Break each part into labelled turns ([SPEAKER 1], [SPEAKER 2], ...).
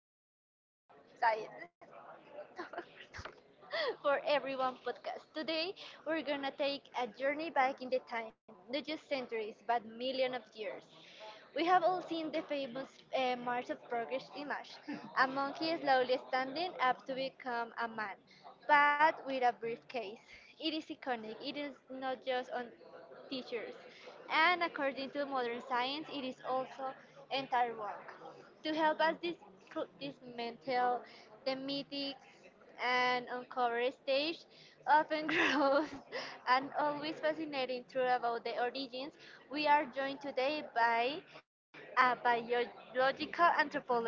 [SPEAKER 1] Science Science for everyone podcast. Today we're gonna take a journey back in the time, not just centuries, but millions of years. We have all seen the famous March of Progress image. A monkey slowly standing up to become a man, but with a briefcase. It is iconic. It is not just on teachers, and according to modern science, it is also entire work. To help us dismantle the mythics and uncovered stage often grows and always fascinating truth about the origins. We are joined today by a biological anthropology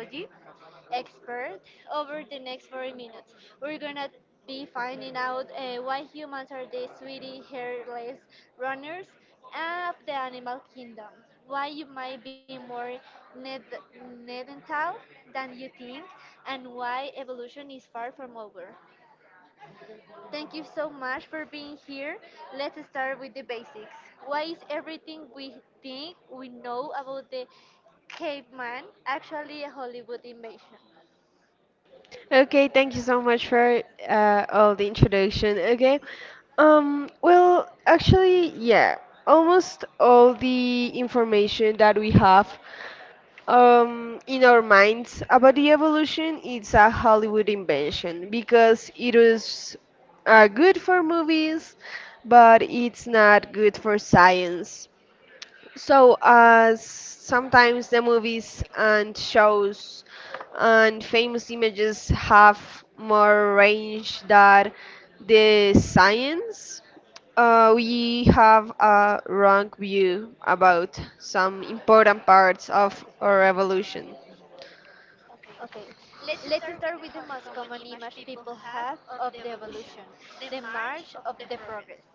[SPEAKER 1] expert over the next 40 minutes. We're gonna be finding out why humans are the sweetie hairless runners of the animal kingdom, why you might be more ned- nedental than you think, and why evolution is far from over. Thank you so much for being here. Let's start with the basics. Why is everything we think we know about the caveman actually a Hollywood invention?
[SPEAKER 2] Okay, thank you so much for all the introduction. Yeah, almost all the information that we have in our minds about the evolution is a Hollywood invention because it was good for movies, but it's not good for science. So, sometimes the movies and shows and famous images have more range than the science. We have a wrong view about some important parts of our evolution.
[SPEAKER 1] Okay, let's start with the most common image people have of the evolution, the march of the progress,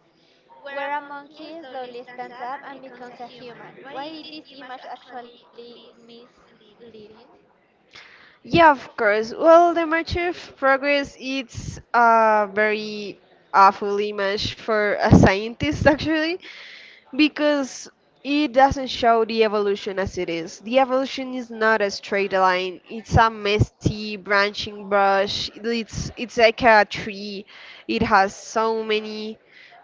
[SPEAKER 1] where a monkey slowly stands up and becomes a human. Why is this image actually misleading?
[SPEAKER 2] Yeah, of course. Well, the march of progress it's a very awful image for a scientist actually, because it doesn't show the evolution as it is. The evolution is not a straight line. It's a messy branching brush. It's like a tree. It has so many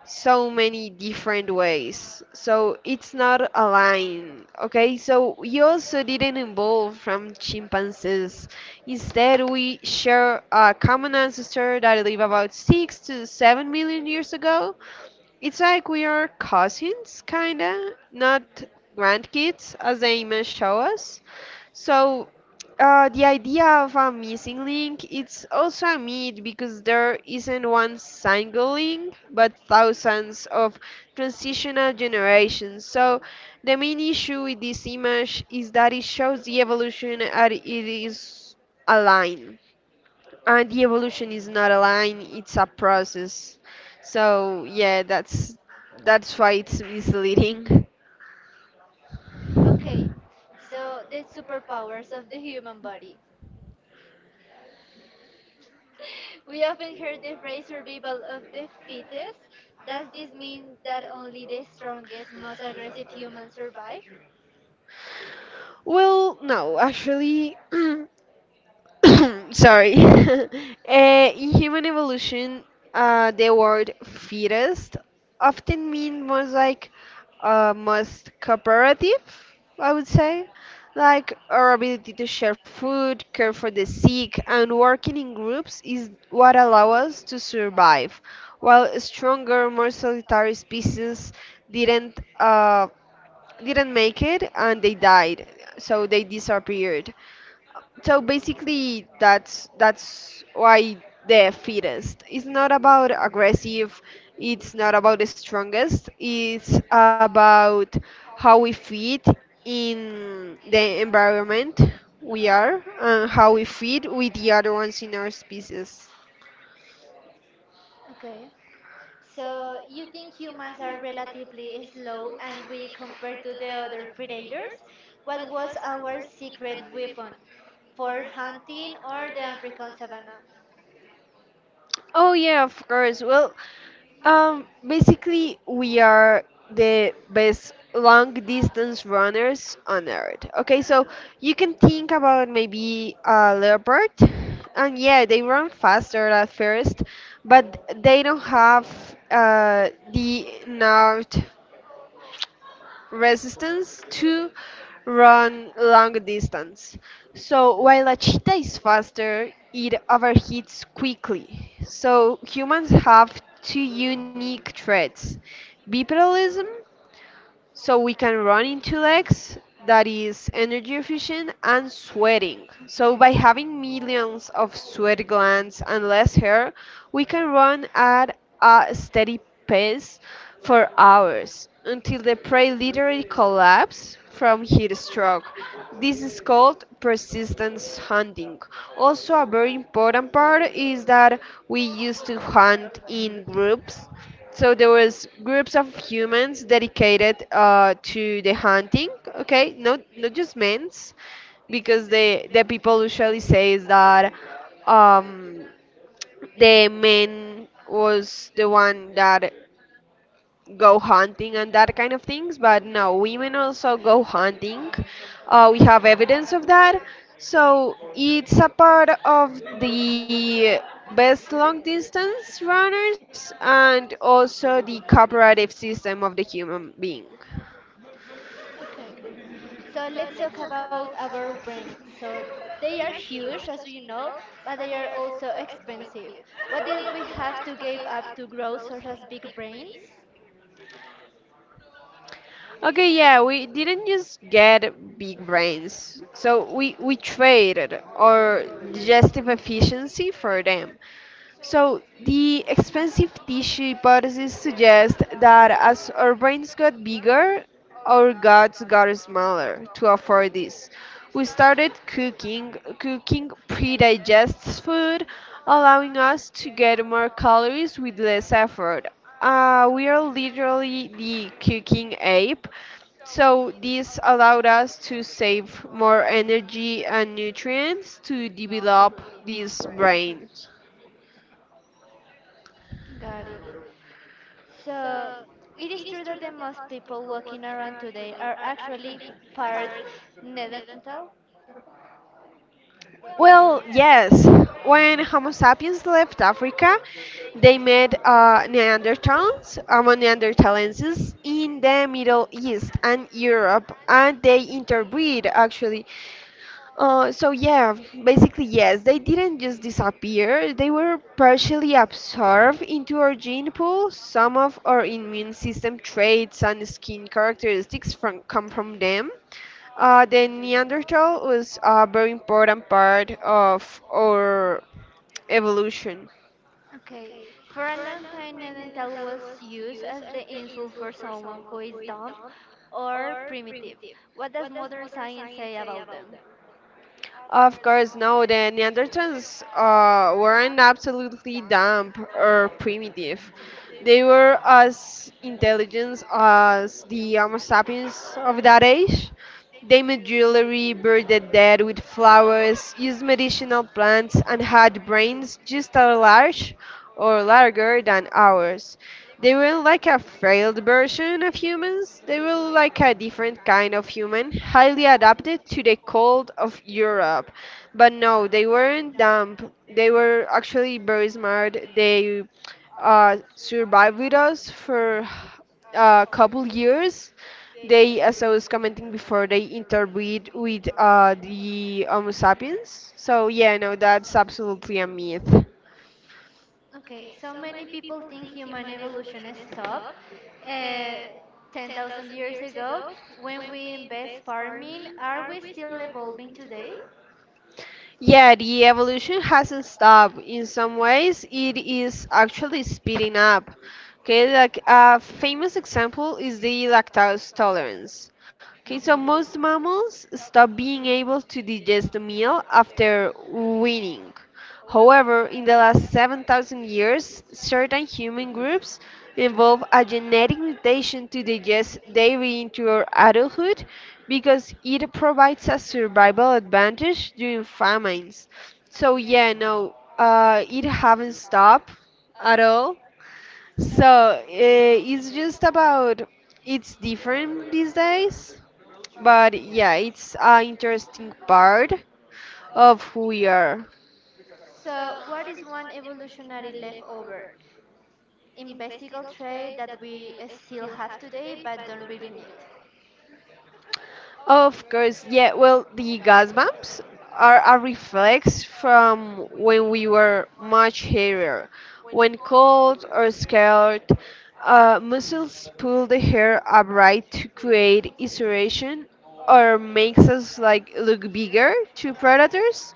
[SPEAKER 2] so many different ways. So it's not a line. Okay? So we also didn't evolve from chimpanzees. Instead, we share a common ancestor that lived about 6 to 7 million years ago. It's like we are cousins, kinda, not grandkids, as the image show us. So, the idea of a missing link it's also a myth because there isn't one single link, but thousands of transitional generations. So, the main issue with this image is that it shows the evolution and it is a line, and the evolution is not a line, it's a process. So yeah, that's why it's misleading.
[SPEAKER 1] Okay, so the superpowers of the human body. We often hear the phrase survival of the fittest. Does this mean that only the strongest, most aggressive humans survive?
[SPEAKER 2] Well, no, actually sorry. In human evolution, the word fittest often mean more like most cooperative, I would say. Like our ability to share food, care for the sick, and working in groups is what allow us to survive. While stronger, more solitary species didn't uh, didn't make it and they died, so they disappeared. So basically that's why the fittest it's not about aggressive, it's not about the strongest, it's about how we fit in the environment we are and how we fit with the other ones in our species.
[SPEAKER 1] Okay. So you think humans are relatively slow and weak compared to the other predators? What was our secret weapon for hunting or the African savannah?
[SPEAKER 2] Oh yeah, of course. Well, basically, we are the best long distance runners on earth. Okay, so you can think about maybe a leopard, and yeah, they run faster at first, but they don't have the nerve resistance to run long distance. So while a cheetah is faster, it overheats quickly. So humans have two unique traits: bipedalism, so we can run in two legs, that is energy efficient, and sweating. So by having millions of sweat glands and less hair, we can run at a steady pace for hours until the prey literally collapse from heat stroke. This is called persistence hunting. Also, a very important part is that we used to hunt in groups, so there was groups of humans dedicated to the hunting. Okay, not just men's, because the people usually says that um, the men was the one that go hunting and that kind of things, but no, women also go hunting. We have evidence of that. So it's a part of the best long distance runners and also the cooperative system of the human being.
[SPEAKER 1] Okay. So let's talk about our brains. So they are huge, as you know, but they are also expensive. What did we have to give up to grow such as big brains?
[SPEAKER 2] Okay, yeah, we didn't just get big brains. So we traded our digestive efficiency for them. So, the expensive tissue hypothesis suggests that as our brains got bigger, our guts got smaller to afford this. We started cooking, cooking pre-digested food, allowing us to get more calories with less effort. We are literally the cooking ape. So this allowed us to save more energy and nutrients to develop this brain.
[SPEAKER 1] Got it. So it is true that the most people walking around today are actually part neanderthal.
[SPEAKER 2] Well, yes. When Homo sapiens left Africa, they met Neanderthals, Neanderthalenses, in the Middle East and Europe, and they interbreed actually. So yeah, basically yes, they didn't just disappear. They were partially absorbed into our gene pool. Some of our immune system traits and skin characteristics from come from them. The Neanderthal was a very important part of our evolution.
[SPEAKER 1] Okay, for a long time, neanderthal was used as the insult for someone who is dumb or primitive. What does modern science say about them?
[SPEAKER 2] Of course, no, the Neanderthals weren't absolutely dumb or primitive. They were as intelligent as the Homo sapiens of that age. They made jewelry, buried the dead with flowers, used medicinal plants, and had brains just as large or larger than ours. They were like a failed version of humans. They were like a different kind of human, highly adapted to the cold of Europe. But no, they weren't dumb. They were actually very smart. They survived with us for a couple years. They, as I was commenting before, they interbreed with the Homo sapiens. So yeah, no, that's absolutely a myth.
[SPEAKER 1] Okay, so many people think human evolution stopped uh, 10,000 years ago when we invest farming. Are we still evolving today?
[SPEAKER 2] Yeah, the evolution hasn't stopped. In some ways, it is actually speeding up. Okay, like a famous example is the lactose tolerance. Okay, so most mammals stop being able to digest a meal after weaning. However, in the last 7,000 years, certain human groups evolved a genetic mutation to digest dairy into adulthood because it provides a survival advantage during famines. So yeah, no, it haven't stopped at all. So it's just about it's different these days, but yeah, it's an interesting part of who we are.
[SPEAKER 1] So, what is one evolutionary leftover, imbecile trait that we still have today but don't really need?
[SPEAKER 2] Of course, yeah. Well, the gas bumps are a reflex from when we were much hairy. When cold or scared, muscles pull the hair upright to create insulation or makes us like look bigger to predators.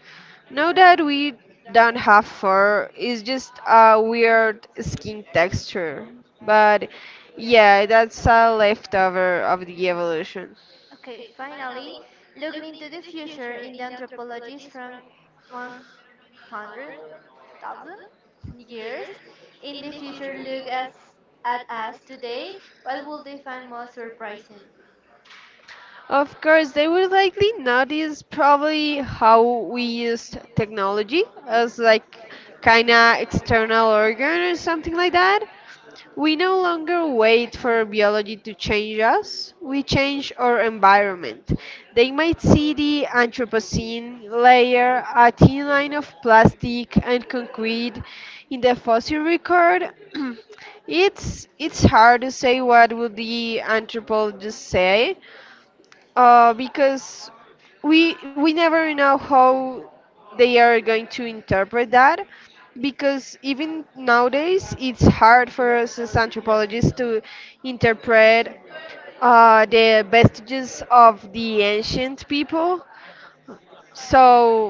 [SPEAKER 2] Now that we don't have fur, it's just a weird skin texture. But yeah, that's a leftover of the evolution.
[SPEAKER 1] Okay, finally, looking into the future in the anthropologists from 100,000 years in the future look as, at us today, what will they find most surprising?
[SPEAKER 2] Of course, they would likely notice probably how we used technology as like kind of external organ or something like that. We no longer wait for biology to change us, we change our environment. They might see the Anthropocene layer, a thin line of plastic and concrete in the fossil record. It's hard to say what will the anthropologists say, because we never know how they are going to interpret that, because even nowadays it's hard for us as anthropologists to interpret the vestiges of the ancient people. So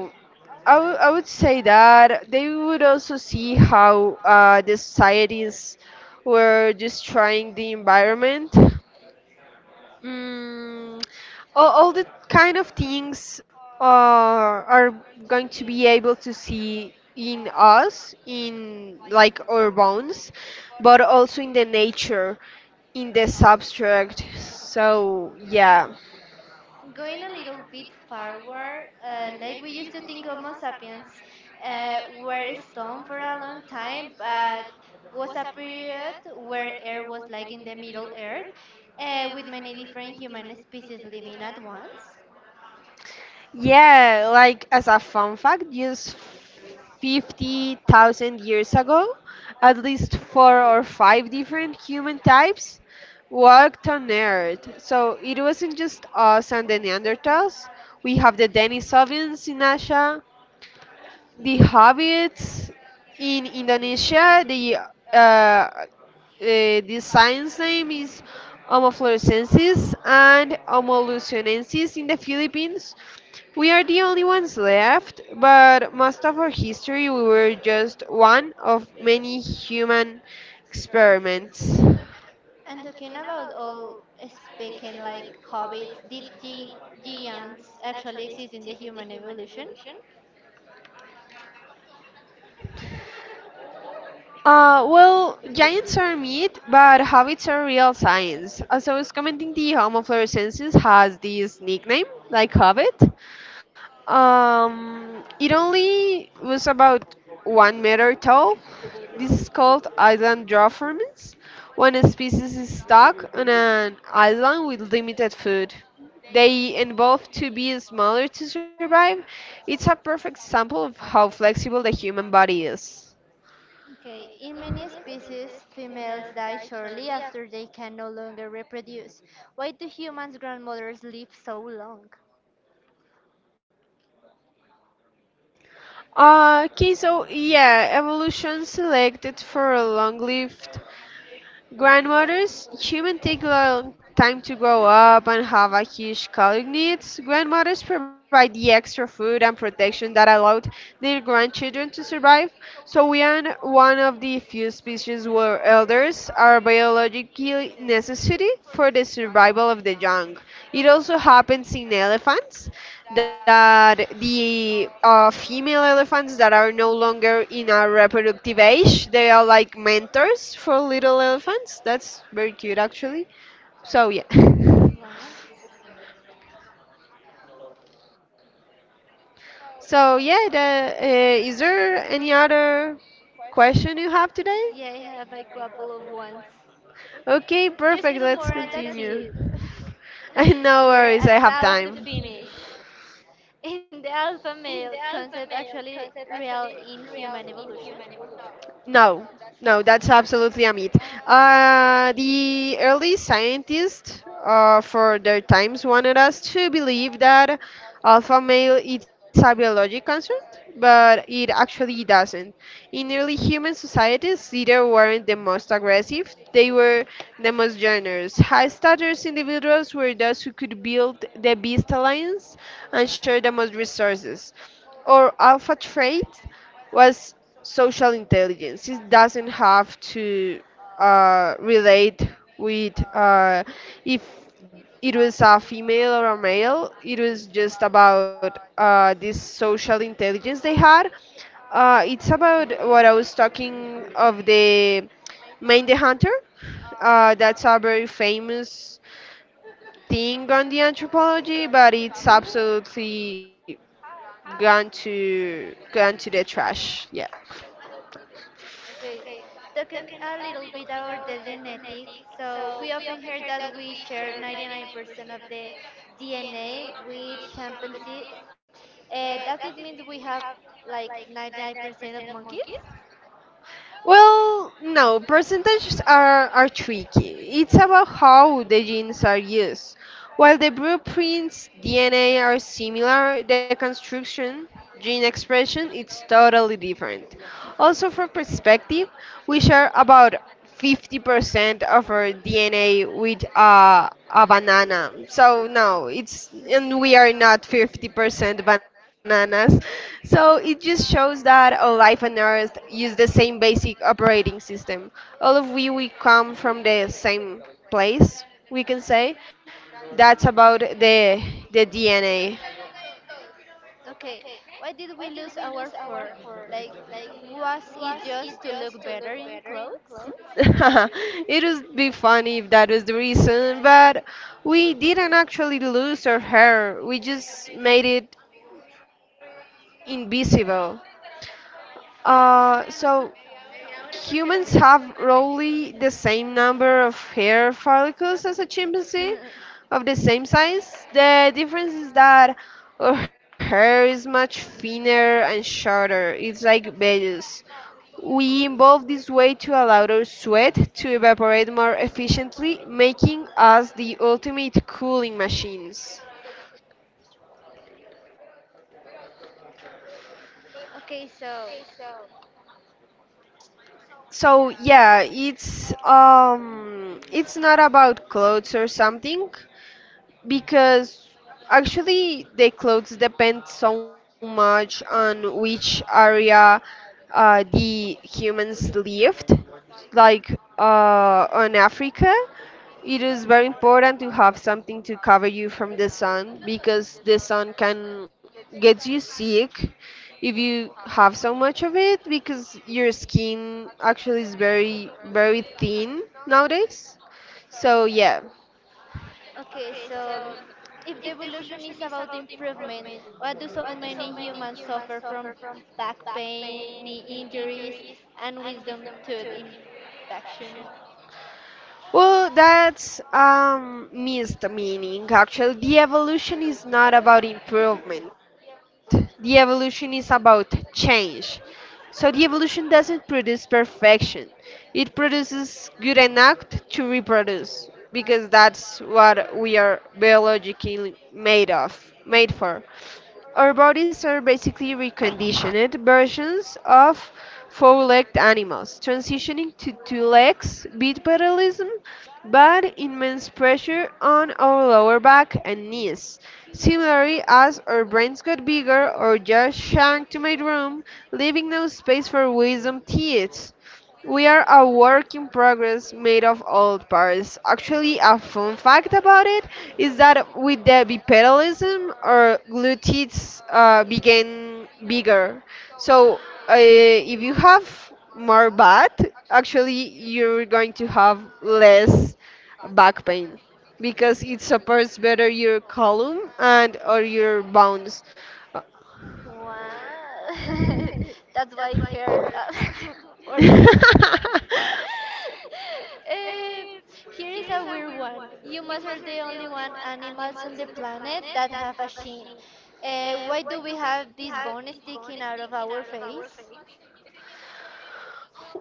[SPEAKER 2] I would say that they would also see how the societies were destroying the environment. Mm, all the kind of things are going to be able to see in us, in like our bones, but also in the nature, in the substrate. So, yeah.
[SPEAKER 1] Going a little bit forward, like we used to think Homo sapiens were stone for a long time, but was a period where air was like in the middle earth with many different human species living at once.
[SPEAKER 2] Yeah, like as a fun fact, just 50,000 years ago, at least four or five different human types walked on Earth. So it wasn't just us and the Neanderthals. We have the Denisovans in Asia, the habits in Indonesia, uh, uh, the science name is Homofluorescensis and Homolucenensis in the Philippines. We are the only ones left, but most of our history we were just one of many human experiments.
[SPEAKER 1] And talking about all speaking like hobbits, did giants actually exist in the human evolution?
[SPEAKER 2] Well, giants are myth, but habits are real science. As I was commenting, the Homo floresiensis has this nickname, like hobbit. It only was about 1 meter tall. This is called island dwarfism, when a species is stuck on an island with limited food. They evolve to be smaller to survive. It's a perfect sample of how flexible the human body is.
[SPEAKER 1] Okay, in many species, females die shortly after they can no longer reproduce. Why do humans' grandmothers live so long?
[SPEAKER 2] Okay, so yeah, evolution selected for a long-lived grandmothers, humans take a long time to grow up and have a huge caloric needs. Grandmothers provide the extra food and protection that allowed their grandchildren to survive. So we are one of the few species where elders are biologically necessary for the survival of the young. It also happens in elephants that the female elephants that are no longer in a reproductive age, they are like mentors for little elephants. That's very cute, actually. So, yeah.
[SPEAKER 1] What?
[SPEAKER 2] So, yeah, is there any other question you have today?
[SPEAKER 1] Yeah, I have a couple of ones.
[SPEAKER 2] Okay,
[SPEAKER 1] Just
[SPEAKER 2] perfect.
[SPEAKER 1] two more
[SPEAKER 2] Let's
[SPEAKER 1] and that's it.
[SPEAKER 2] continue. No
[SPEAKER 1] We're
[SPEAKER 2] worries, I have
[SPEAKER 1] about to
[SPEAKER 2] time.
[SPEAKER 1] finish. In the alpha male concept actually real in human evolution?
[SPEAKER 2] No, no, that's absolutely a myth. The early scientists, for their times, wanted us to believe that alpha male is a biologic construct, but it actually doesn't. In early human societies, leaders weren't the most aggressive; they were the most generous. High status individuals were those who could build the best alliance and share the most resources. Or alpha trait was social intelligence. It doesn't have to relate with if it was a female or a male. It was just about this social intelligence they had. It's about what I was talking of the Mind the Hunter. That's a very famous thing on the anthropology, but it's absolutely gone to the trash. Yeah.
[SPEAKER 1] Okay, talking a little bit about the genetic. So we often hear that we share 99% of the DNA with chimpanzees. Does it mean we have like 99% of monkeys?
[SPEAKER 2] Well, no, percentages are tricky. It's about how the genes are used. While the blueprints DNA are similar, the construction, gene expression, it's totally different. Also, for perspective, we share about 50% of our DNA with a banana. So no, it's and we are not 50% bananas. So it just shows that all life on Earth use the same basic operating system. All of we come from the same place, we can say. That's about the DNA.
[SPEAKER 1] Okay, why did we lose our fur? Like, was it just to look better in clothes?
[SPEAKER 2] It would be funny if that was the reason, but we didn't actually lose our hair. We just made it invisible. So humans have roughly the same number of hair follicles as a chimpanzee of the same size. The difference is that our hair is much thinner and shorter. It's like beige. We involve this way to allow our sweat to evaporate more efficiently, making us the ultimate cooling machines.
[SPEAKER 1] okay, so
[SPEAKER 2] So yeah, it's not about clothes or something, because actually the clothes depend so much on which area the humans lived, like on africa. It is very important to have something to cover you from the sun because the sun can get you sick if you have so much of it, because your skin actually is very very thin nowadays. So yeah.
[SPEAKER 1] Okay, so if the evolution is about improvement, why do so many humans suffer from back pain, knee injuries, and wisdom tooth infection?
[SPEAKER 2] Well, that's missed meaning. Actually, the evolution is not about improvement. The evolution is about change. So the evolution doesn't produce perfection. It produces good enough to reproduce, because that's what we are biologically made of, made for. Our bodies are basically reconditioned versions of four-legged animals, transitioning to two legs, bipedalism, but immense pressure on our lower back and knees. Similarly, as our brains got bigger or just shrunk to my room, leaving no space for wisdom teeth. We are a work in progress made of old parts. Actually, a fun fact about it is that with the bipedalism, our glutes began bigger. So, if you have more butt, actually, you're going to have less back pain because it supports better your column and or your bones. Uh,
[SPEAKER 1] Wow. That's why it hurts for me.
[SPEAKER 2] Uh,
[SPEAKER 1] Uh, here is a weird one. Humans are the only one animals on the planet that have a shin. Why do we have this bone sticking out of our face?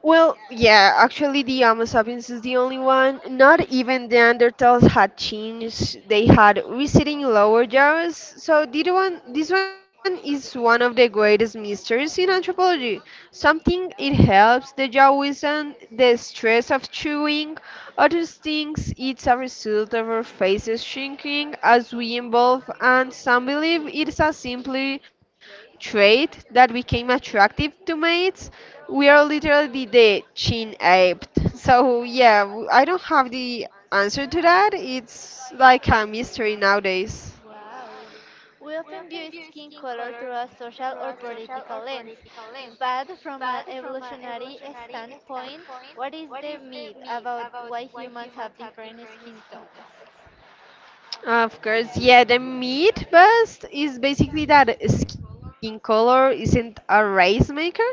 [SPEAKER 2] well, yeah, actually, the Homo sapiens is the only one. Not even the Neanderthals had chins, they had receding lower jaws. So, did one, this one is one of the greatest mysteries in anthropology. Something it helps the jaw withstand the stress of chewing, others thinks it's a result of our faces shrinking as we evolve, and some believe it's a simply trait that became attractive to mates. We are literally the chin aped. So yeah, I don't have the answer to that. It's like a mystery nowadays.
[SPEAKER 1] Wow. We often view skin color through a social or political lens, but from an evolutionary standpoint, what is the myth about why humans have different skin tones?
[SPEAKER 2] Of course, yeah, the meat bust is basically that skin color isn't a race maker,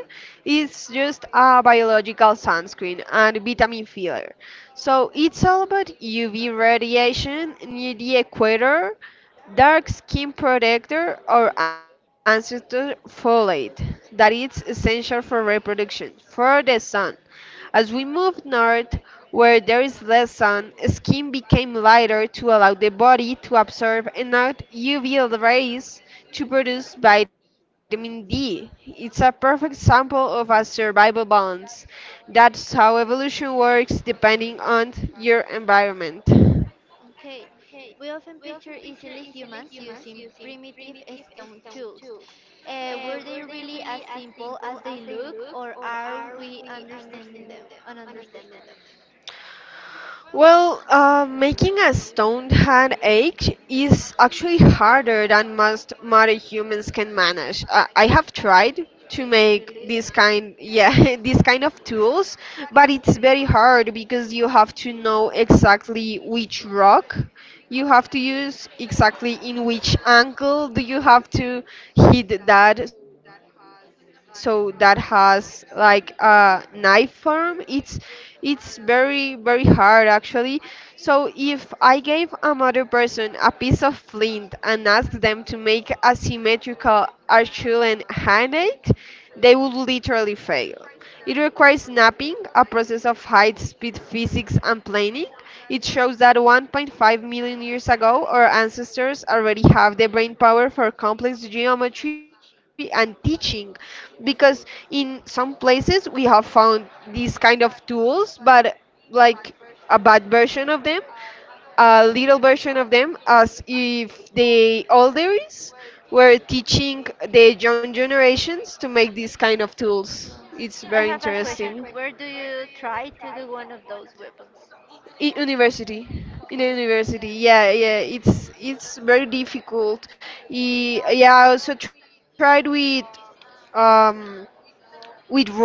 [SPEAKER 2] it's just a biological sunscreen and vitamin filler. So it's all about UV radiation near the equator. Dark skin protector or ancestor folate that is essential for reproduction, for the sun. As we move north, where there is less sun, skin became lighter to allow the body to absorb enough UV rays to produce vitamin D. It's a perfect sample of a survival balance. That's how evolution works depending on your environment.
[SPEAKER 1] Okay, we often picture easily humans using primitive stone tools. Were they really as simple as they look, or are we understanding them? Ununderstanding them?
[SPEAKER 2] Well, making a stone hand ache is actually harder than most modern humans can manage. I have tried to make this kind, yeah, this kind of tools, but it's very hard because you have to know exactly which rock you have to use, exactly in which angle do you have to hit that, so that has like a knife form. It's very, very hard actually. So if I gave another person a piece of flint and asked them to make a symmetrical Achillean handshake, they would literally fail. It requires mapping, a process of height, speed, physics, and planning. It shows that 1.5 million years ago, our ancestors already have the brain power for complex geometry and teaching, because in some places we have found these kind of tools, but like a bad version of them, a little version of them, as if the elders were teaching the young generations to make these kind of tools.
[SPEAKER 1] Well,
[SPEAKER 2] It's
[SPEAKER 1] I
[SPEAKER 2] very
[SPEAKER 1] have a question.
[SPEAKER 2] interesting.
[SPEAKER 1] Where do you try to do one of those weapons?
[SPEAKER 2] University, in a
[SPEAKER 1] Okay.
[SPEAKER 2] university. Yeah, yeah, it's very difficult. Yeah, I also tried um with rope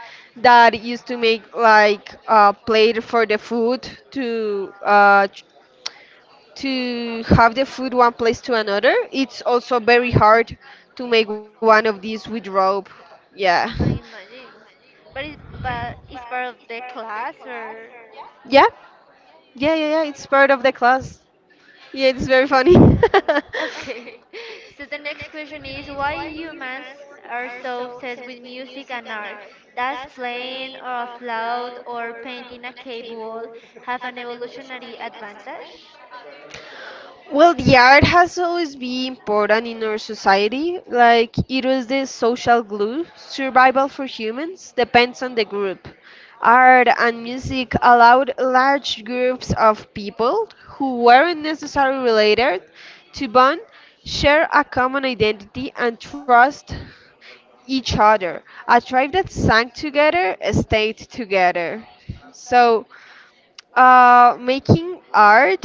[SPEAKER 2] that used to make like a plate for the food to have the food one place to another. It's also very hard to make one of these with rope. Yeah.
[SPEAKER 1] I imagine. But it's part of the class or?
[SPEAKER 2] Yeah. Yeah, yeah, yeah. It's part of the class. Yeah, it's very funny.
[SPEAKER 1] Okay. So the next question is why humans are so obsessed with music and art? Does playing a loud or painting a cave wall have an evolutionary advantage?
[SPEAKER 2] Well, the art has always been important in our society. Like, it was the social glue. Survival for humans depends on the group. Art and music allowed large groups of people who weren't necessarily related to bond, share a common identity, and trust each other. A tribe that sang together stayed together. So, making art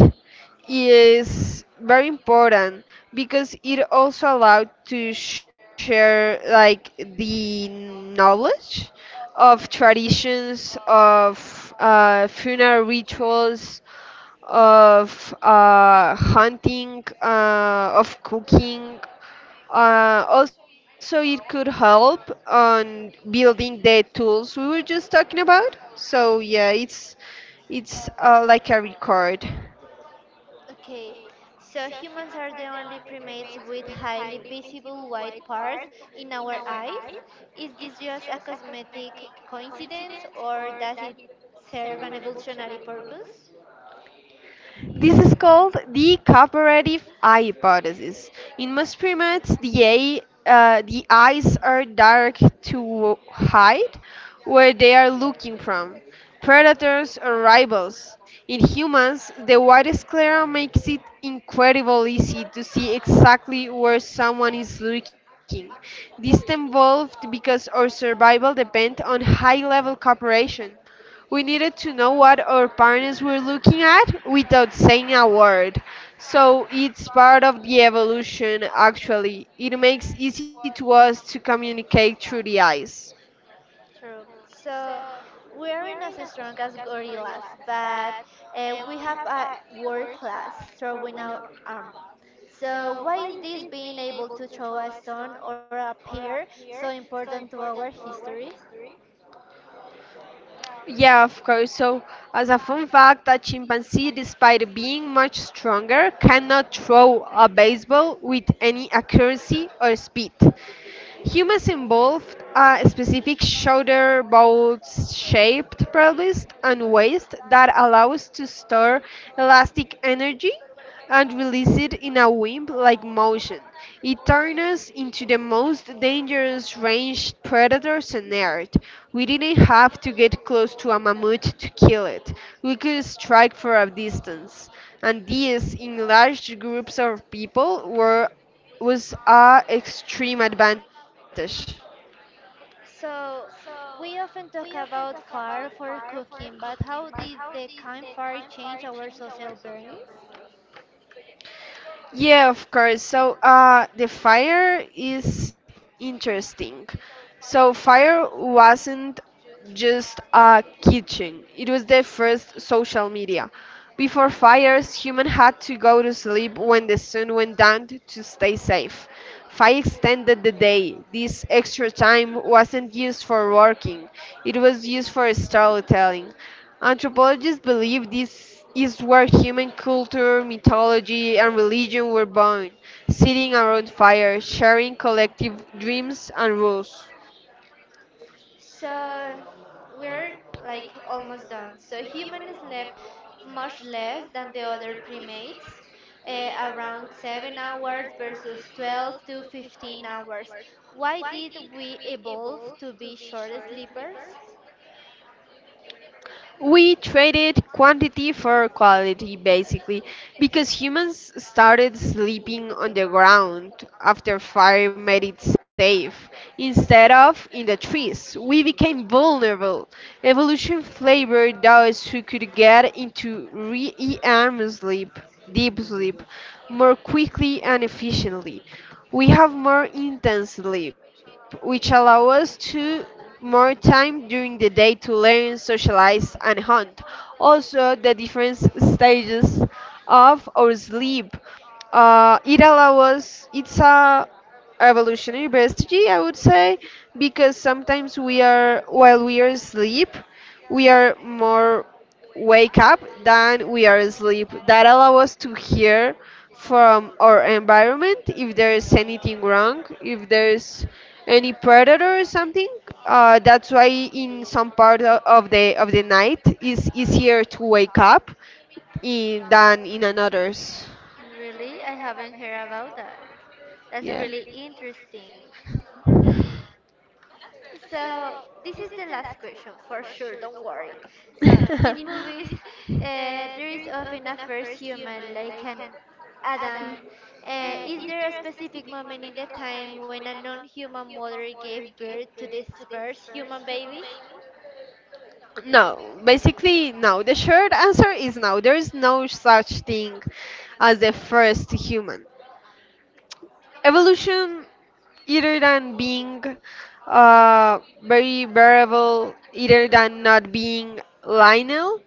[SPEAKER 2] is very important because it also allowed to share like the knowledge of traditions, of funeral rituals, of hunting, of cooking, also, it could help on building the tools we were just talking about. So yeah, it's like a record.
[SPEAKER 1] Okay, so humans are the only primates with highly visible white parts in our eyes. Is this just a cosmetic coincidence or does it serve an evolutionary purpose?
[SPEAKER 2] This is called the cooperative eye hypothesis. In most primates, the, the eyes are dark to hide where they are looking from, predators or rivals. In humans, the white sclera makes it incredibly easy to see exactly where someone is looking. This evolved because our survival depends on high level cooperation. We needed to know what our partners were looking at without saying a word. So it's part of the evolution, actually. It makes easy to us to communicate through the eyes.
[SPEAKER 1] True. So we aren't as strong as gorillas, but we have a world class throwing out arm. So why is this being able to throw a stone or a spear so important to our history?
[SPEAKER 2] Yeah, of course. So, as a fun fact, a chimpanzee, despite being much stronger, cannot throw a baseball with any accuracy or speed. Humans involved a specific shoulder bolt-shaped pelvis and waist that allows to store elastic energy and release it in a whip-like motion. It turned us into the most dangerous ranged predators on Earth. We didn't have to get close to a mammoth to kill it. We could strike from a distance. And these, enlarged groups of people, were was a extreme advantage.
[SPEAKER 1] So we often talk about fire for cooking, but how did the campfire change our social bearings?
[SPEAKER 2] Yeah, of course. So the fire is interesting. So fire wasn't just a kitchen. It was the first social media. Before fires, human had to go to sleep when the sun went down to stay safe. Fire extended the day. This extra time wasn't used for working. It was used for storytelling. Anthropologists believe this is where human culture, mythology, and religion were born, sitting around fires, sharing collective dreams and rules.
[SPEAKER 1] So we're like almost done. So humans sleep much less than the other primates, eh, around 7 hours versus 12 to 15 hours. Why did we evolve to be short sleepers?
[SPEAKER 2] We traded quantity for quality, basically, because humans started sleeping on the ground after fire made it safe, instead of in the trees. We became vulnerable. Evolution favored those who could get into re REM sleep, deep sleep, more quickly and efficiently. We have more intense sleep, which allow us to more time during the day to learn, socialize, and hunt. Also, the different stages of our sleep. It allows us, it's a evolutionary strategy, I would say, because sometimes we are, while we are asleep, we are more wake up than we are asleep. That allows us to hear from our environment if there is anything wrong, if there's any predator or something. That's why in some part of the night is easier to wake up in, than in another's.
[SPEAKER 1] Really? I haven't heard about that. That's
[SPEAKER 2] Yeah.
[SPEAKER 1] really interesting. So this is the last question for sure. Don't worry. So in movies, there is often a first human like an Adam. Is there a specific moment in the time when a non-human mother gave birth to this first human baby?
[SPEAKER 2] No, basically, no. The short answer is no. There is no such thing as the first human. Evolution, either than being very variable, either than not being lineal,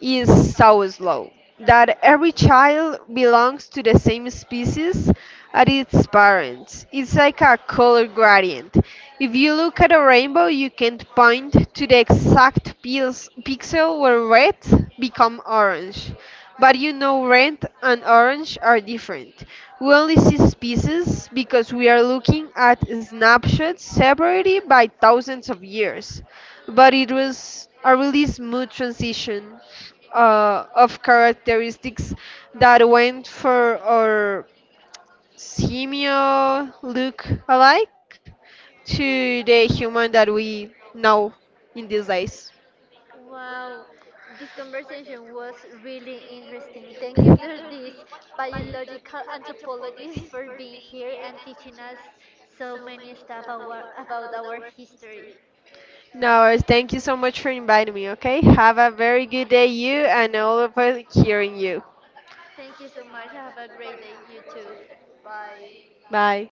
[SPEAKER 2] is so slow that every child belongs to the same species as its parents. It's like a color gradient. If you look at a rainbow you can't point to the exact pixel where red become orange, but you know, red and orange are different. We only see species because we are looking at snapshots separated by thousands of years. But it was a really smooth transition of characteristics that went for our simio look alike to the human that we know in these days.
[SPEAKER 1] Wow, this conversation was really interesting. Thank you to this biological anthropologist for being here and teaching us so many stuff about our history.
[SPEAKER 2] No, thank you so much for inviting me, okay? Have a very good day, you and all of us hearing you.
[SPEAKER 1] Thank you so much. Have a great day, you too.
[SPEAKER 2] Bye.